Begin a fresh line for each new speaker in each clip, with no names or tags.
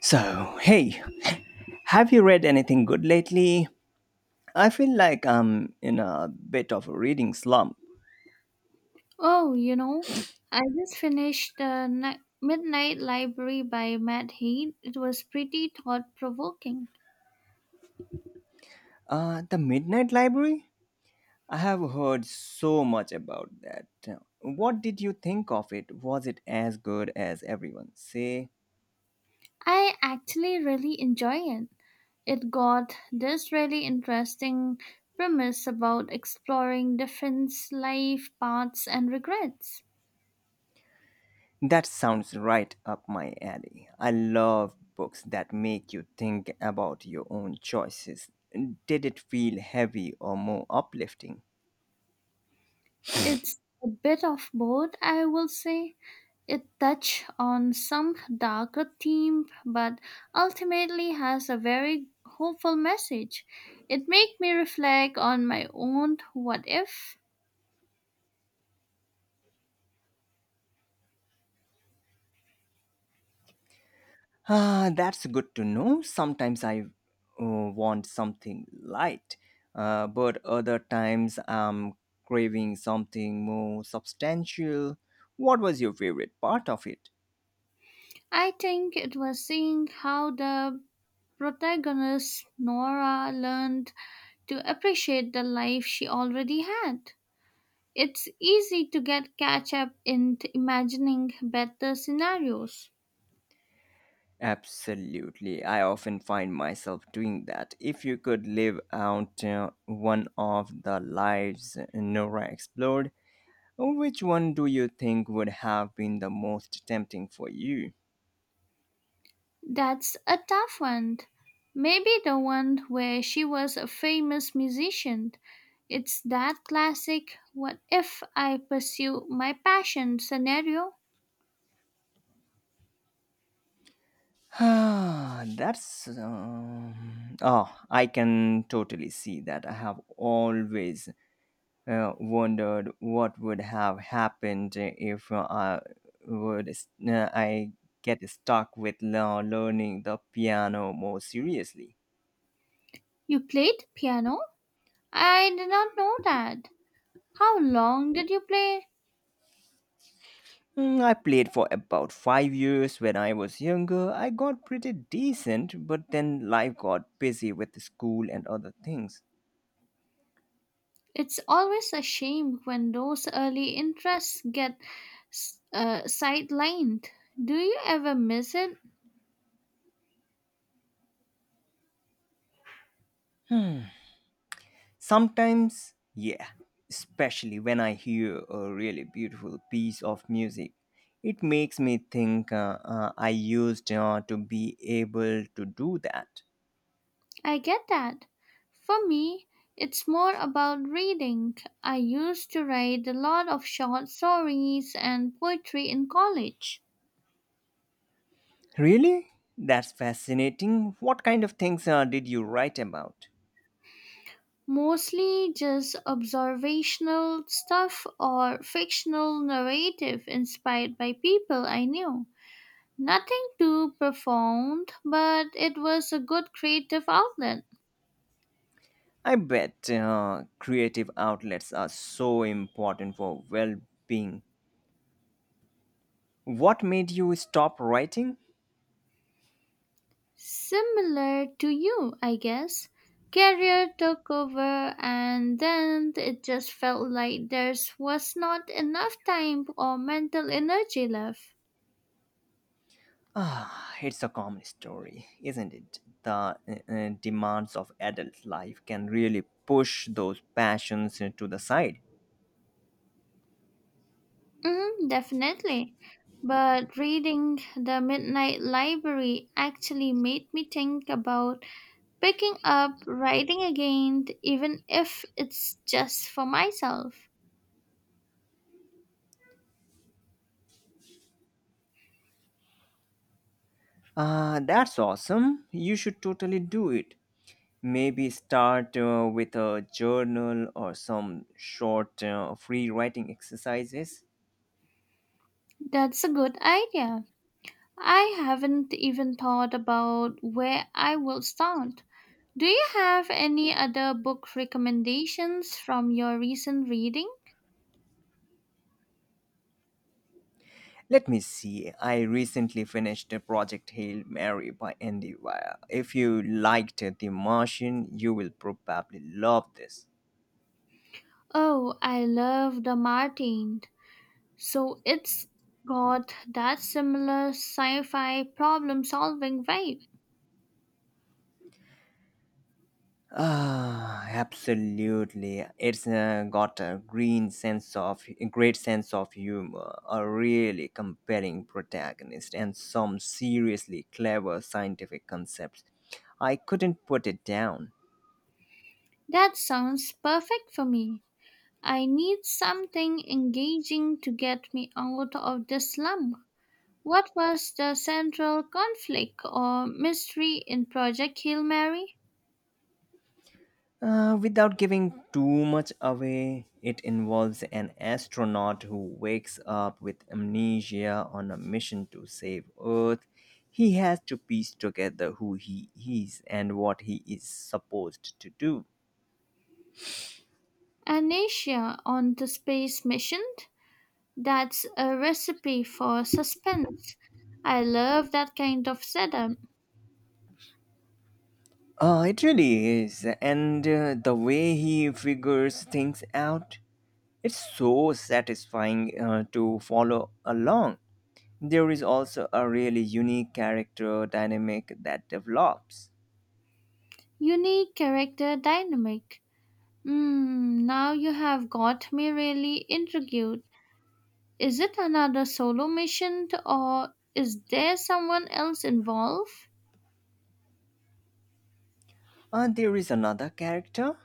So, hey, have you read anything good lately? I feel like I'm in a bit of a reading slump.
Oh, you know, I just finished the Midnight Library by Matt Haig. It was pretty thought provoking.
The Midnight Library? I have heard so much about that. What did you think of it? Was it as good as everyone say?
I actually really enjoy it. It got this really interesting premise about exploring different life paths and regrets.
That sounds right up my alley. I love books that make you think about your own choices. Did it feel heavy or more uplifting?
It's a bit of both, I will say, it touched on some darker themes, but ultimately has a very hopeful message. It made me reflect on my own what if.
Ah, that's good to know. Sometimes I uh, want something light, but other times I'm craving something more substantial. What was your favorite part of it?
I think it was seeing how the protagonist Nora learned to appreciate the life she already had. It's easy to get catch up in imagining better scenarios.
Absolutely. I often find myself doing that. If you could live out one of the lives Nora explored, which one do you think would have been the most tempting for you?
That's a tough one. Maybe the one where she was a famous musician. It's that classic what if I pursue my passion scenario.
Ah, That's. Oh, I can totally see that. I have always wondered what would have happened if I would I get stuck with learning the piano more seriously.
You played piano? I did not know that. How long did you play?
I played for about 5 years when I was younger. I got pretty decent, but then life got busy with school and other things.
It's always a shame when those early interests get sidelined. Do you ever miss it?
Hmm. Sometimes, yeah, especially when I hear a really beautiful piece of music, it makes me think I used to be able to do that.
I get that. For me, it's more about reading. I used to write a lot of short stories and poetry in college,
Really? That's fascinating. What kind of things did you write about?
mostly just observational stuff or fictional narrative inspired by people I knew. Nothing too profound, but it was a good creative outlet.
I bet creative outlets are so important for well being. What made you stop writing?
Similar to you, I guess. Career took over, and then it just felt like there was not enough time or mental energy left.
Ah, it's a common story, isn't it? The demands of adult life can really push those passions to the side.
Definitely. But reading The Midnight Library actually made me think about picking up writing again, even if it's just for myself.
Ah, that's awesome. You should totally do it. Maybe start with a journal or some short free writing exercises.
That's a good idea. I haven't even thought about where I will start. Do you have any other book recommendations from your recent reading?
Let me see. I recently finished Project Hail Mary by Andy Weir. If you liked The Martian, you will probably love this.
Oh, I love The Martin. So it's got that similar sci fi problem solving vibe.
Ah, absolutely. It's got a green sense of a great sense of humor, a really compelling protagonist, and some seriously clever scientific concepts. I couldn't put it down.
That sounds perfect for me. I need something engaging to get me out of this slump. What was the central conflict or mystery in Project Hail Mary?
Without giving too much away, it involves an astronaut who wakes up with amnesia on a mission to save Earth. He has to piece together who he is and what he is supposed to do.
An Asia on the space mission? That's a recipe for suspense. I love that kind of setup.
It really is. And the way he figures things out, it's so satisfying to follow along. There is also a really unique character dynamic that develops.
Unique character dynamic. Mmm, now you have got me really intrigued. Is it another solo mission or is there someone else involved?
There is another character,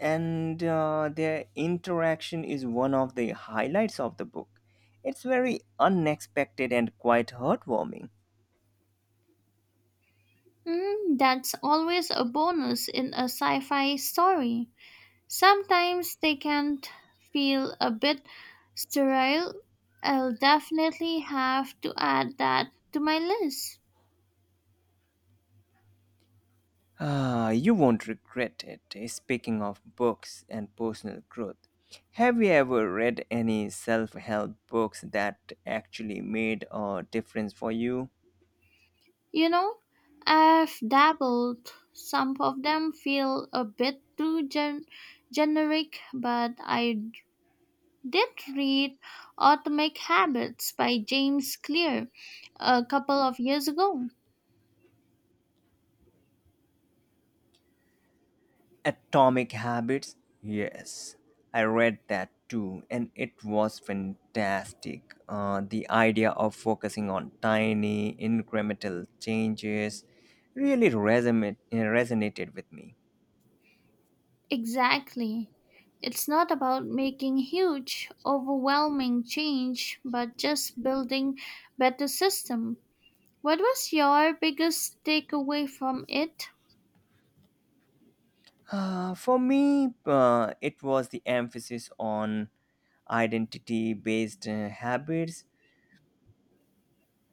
and their interaction is one of the highlights of the book. It's very unexpected and quite heartwarming.
Mm, that's always a bonus in a sci fi story. Sometimes they can feel a bit sterile. I'll definitely have to add that to my list.
Ah, you won't regret it, eh? Speaking of books and personal growth, have you ever read any self help books that actually made a difference for you?
You know, I've dabbled. Some of them feel a bit too generic, but I did read Atomic Habits by James Clear a couple of years ago.
Atomic Habits? Yes, I read that too, and it was fantastic. The idea of focusing on tiny incremental changes really resonated with me.
Exactly. It's not about making huge, overwhelming change, but just building better system. What was your biggest takeaway from it?
For me, it was the emphasis on identity based habits,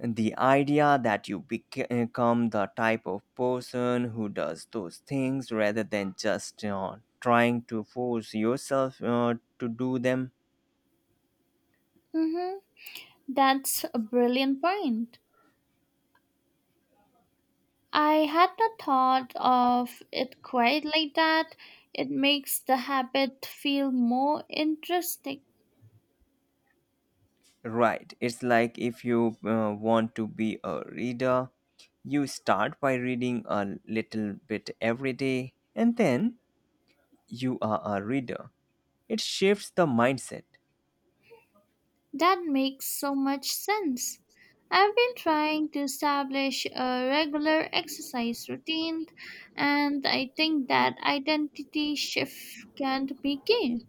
the idea that you become the type of person who does those things rather than just trying to force yourself to do them.
Mm-hmm. That's a brilliant point. I had not thought of it quite like that. It makes the habit feel more interesting.
Right, it's like if you want to be a reader, you start by reading a little bit every day, and then you are a reader. It shifts the mindset.
That makes so much sense. I've been trying to establish a regular exercise routine, and I think that identity shift can be key.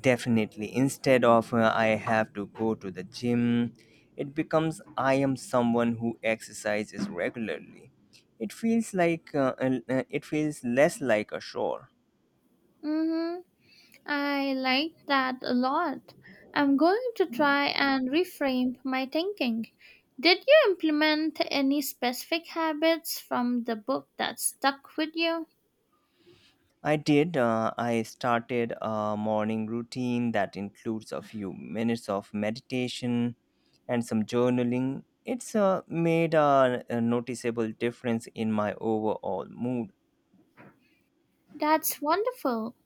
Definitely. Instead of I have to go to the gym, it becomes I am someone who exercises regularly. It feels like uh, it feels less like a chore.
hmm I like that a lot. I'm going to try and reframe my thinking. Did you implement any specific habits from the book that stuck with you?
I did. I started a morning routine that includes a few minutes of meditation and some journaling. It's made a noticeable difference in my overall mood.
That's wonderful.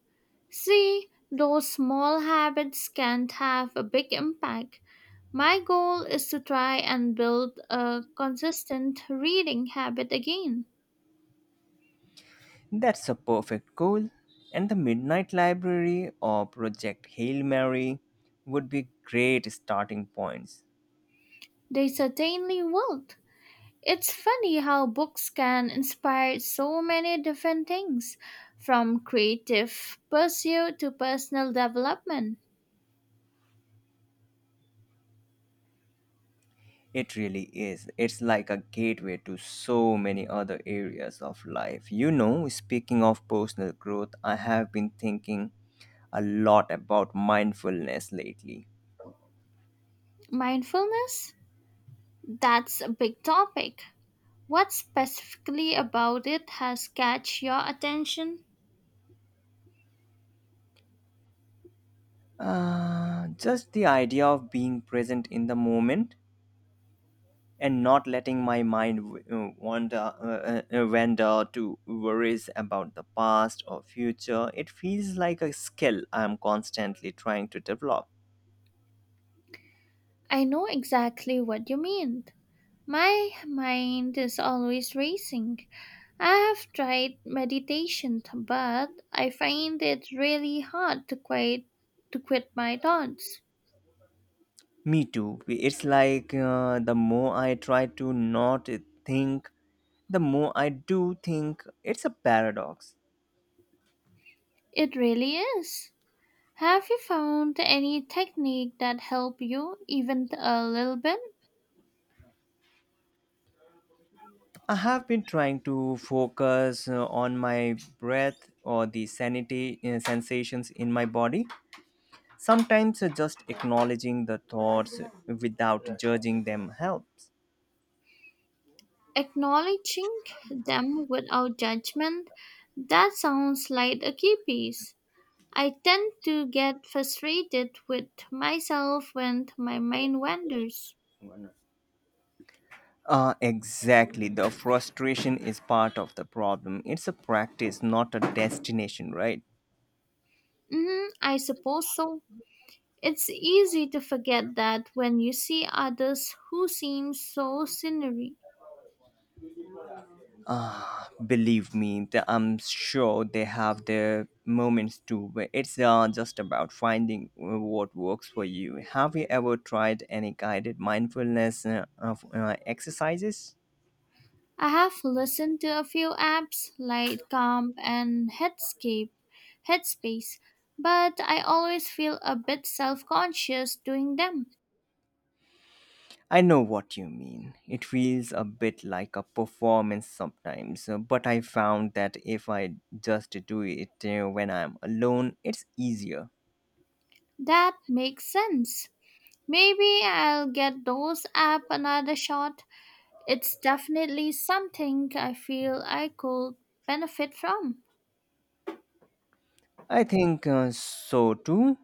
See, those small habits can have a big impact. My goal is to try and build a consistent reading habit again.
That's a perfect goal. And the Midnight Library or Project Hail Mary would be great starting points.
They certainly will. It's funny how books can inspire so many different things, from creative pursuit to personal development.
It really is. It's like a gateway to so many other areas of life. Speaking of personal growth, I have been thinking a lot about mindfulness lately.
Mindfulness? That's a big topic. What specifically about it has catch your attention?
Just the idea of being present in the moment and not letting my mind wander to worries about the past or future. It feels like a skill I'm constantly trying to develop.
I know exactly what you mean. My mind is always racing. I have tried meditation, but I find it really hard to quit my thoughts.
Me too. It's like the more I try to not think, the more I do think. It's a paradox.
It really is. Have you found any technique that help you even a little bit?
I have been trying to focus on my breath or the sanity sensations in my body. Sometimes just acknowledging the thoughts without judging them helps.
Acknowledging them without judgment, that sounds like a key piece. I tend to get frustrated with myself when my mind wanders.
Exactly. The frustration is part of the problem. It's a practice, not a destination, right?
I suppose so. It's easy to forget that when you see others who seem so scenery.
Ah, believe me, I'm sure they have their moments too. But it's just about finding what works for you. Have you ever tried any guided mindfulness exercises?
I have listened to a few apps like Calm and Headspace, but I always feel a bit self conscious doing them.
I know what you mean. It feels a bit like a performance sometimes, but I found that if I just do it when I'm alone, it's easier.
That makes sense. Maybe I'll get those app another shot. It's definitely something I feel I could benefit from.
I think so too.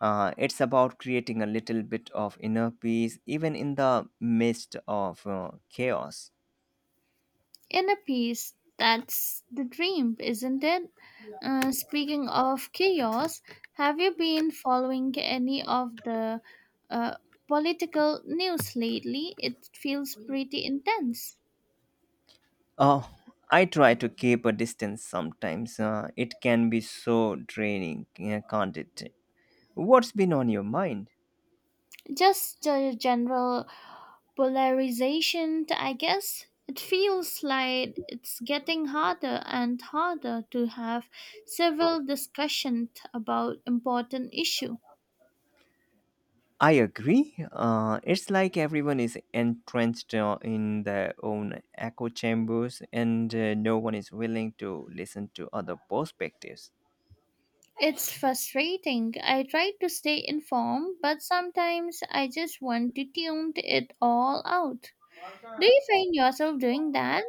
It's about creating a little bit of inner peace, even in the midst of chaos.
Inner peace, that's the dream, isn't it? Speaking of chaos, have you been following any of the uh, political news lately? It feels pretty intense.
Oh, I try to keep a distance sometimes. It can be so draining, can't it? What's been on your mind?
Just the general polarization, I guess. It feels like it's getting harder and harder to have civil discussion about important issue.
I agree. It's like everyone is entrenched in their own echo chambers, and no one is willing to listen to other perspectives.
It's frustrating. I try to stay informed, but sometimes I just want to tune it all out. Do you find yourself doing that?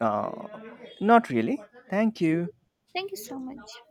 Uh, not really. Thank you.
Thank you so much.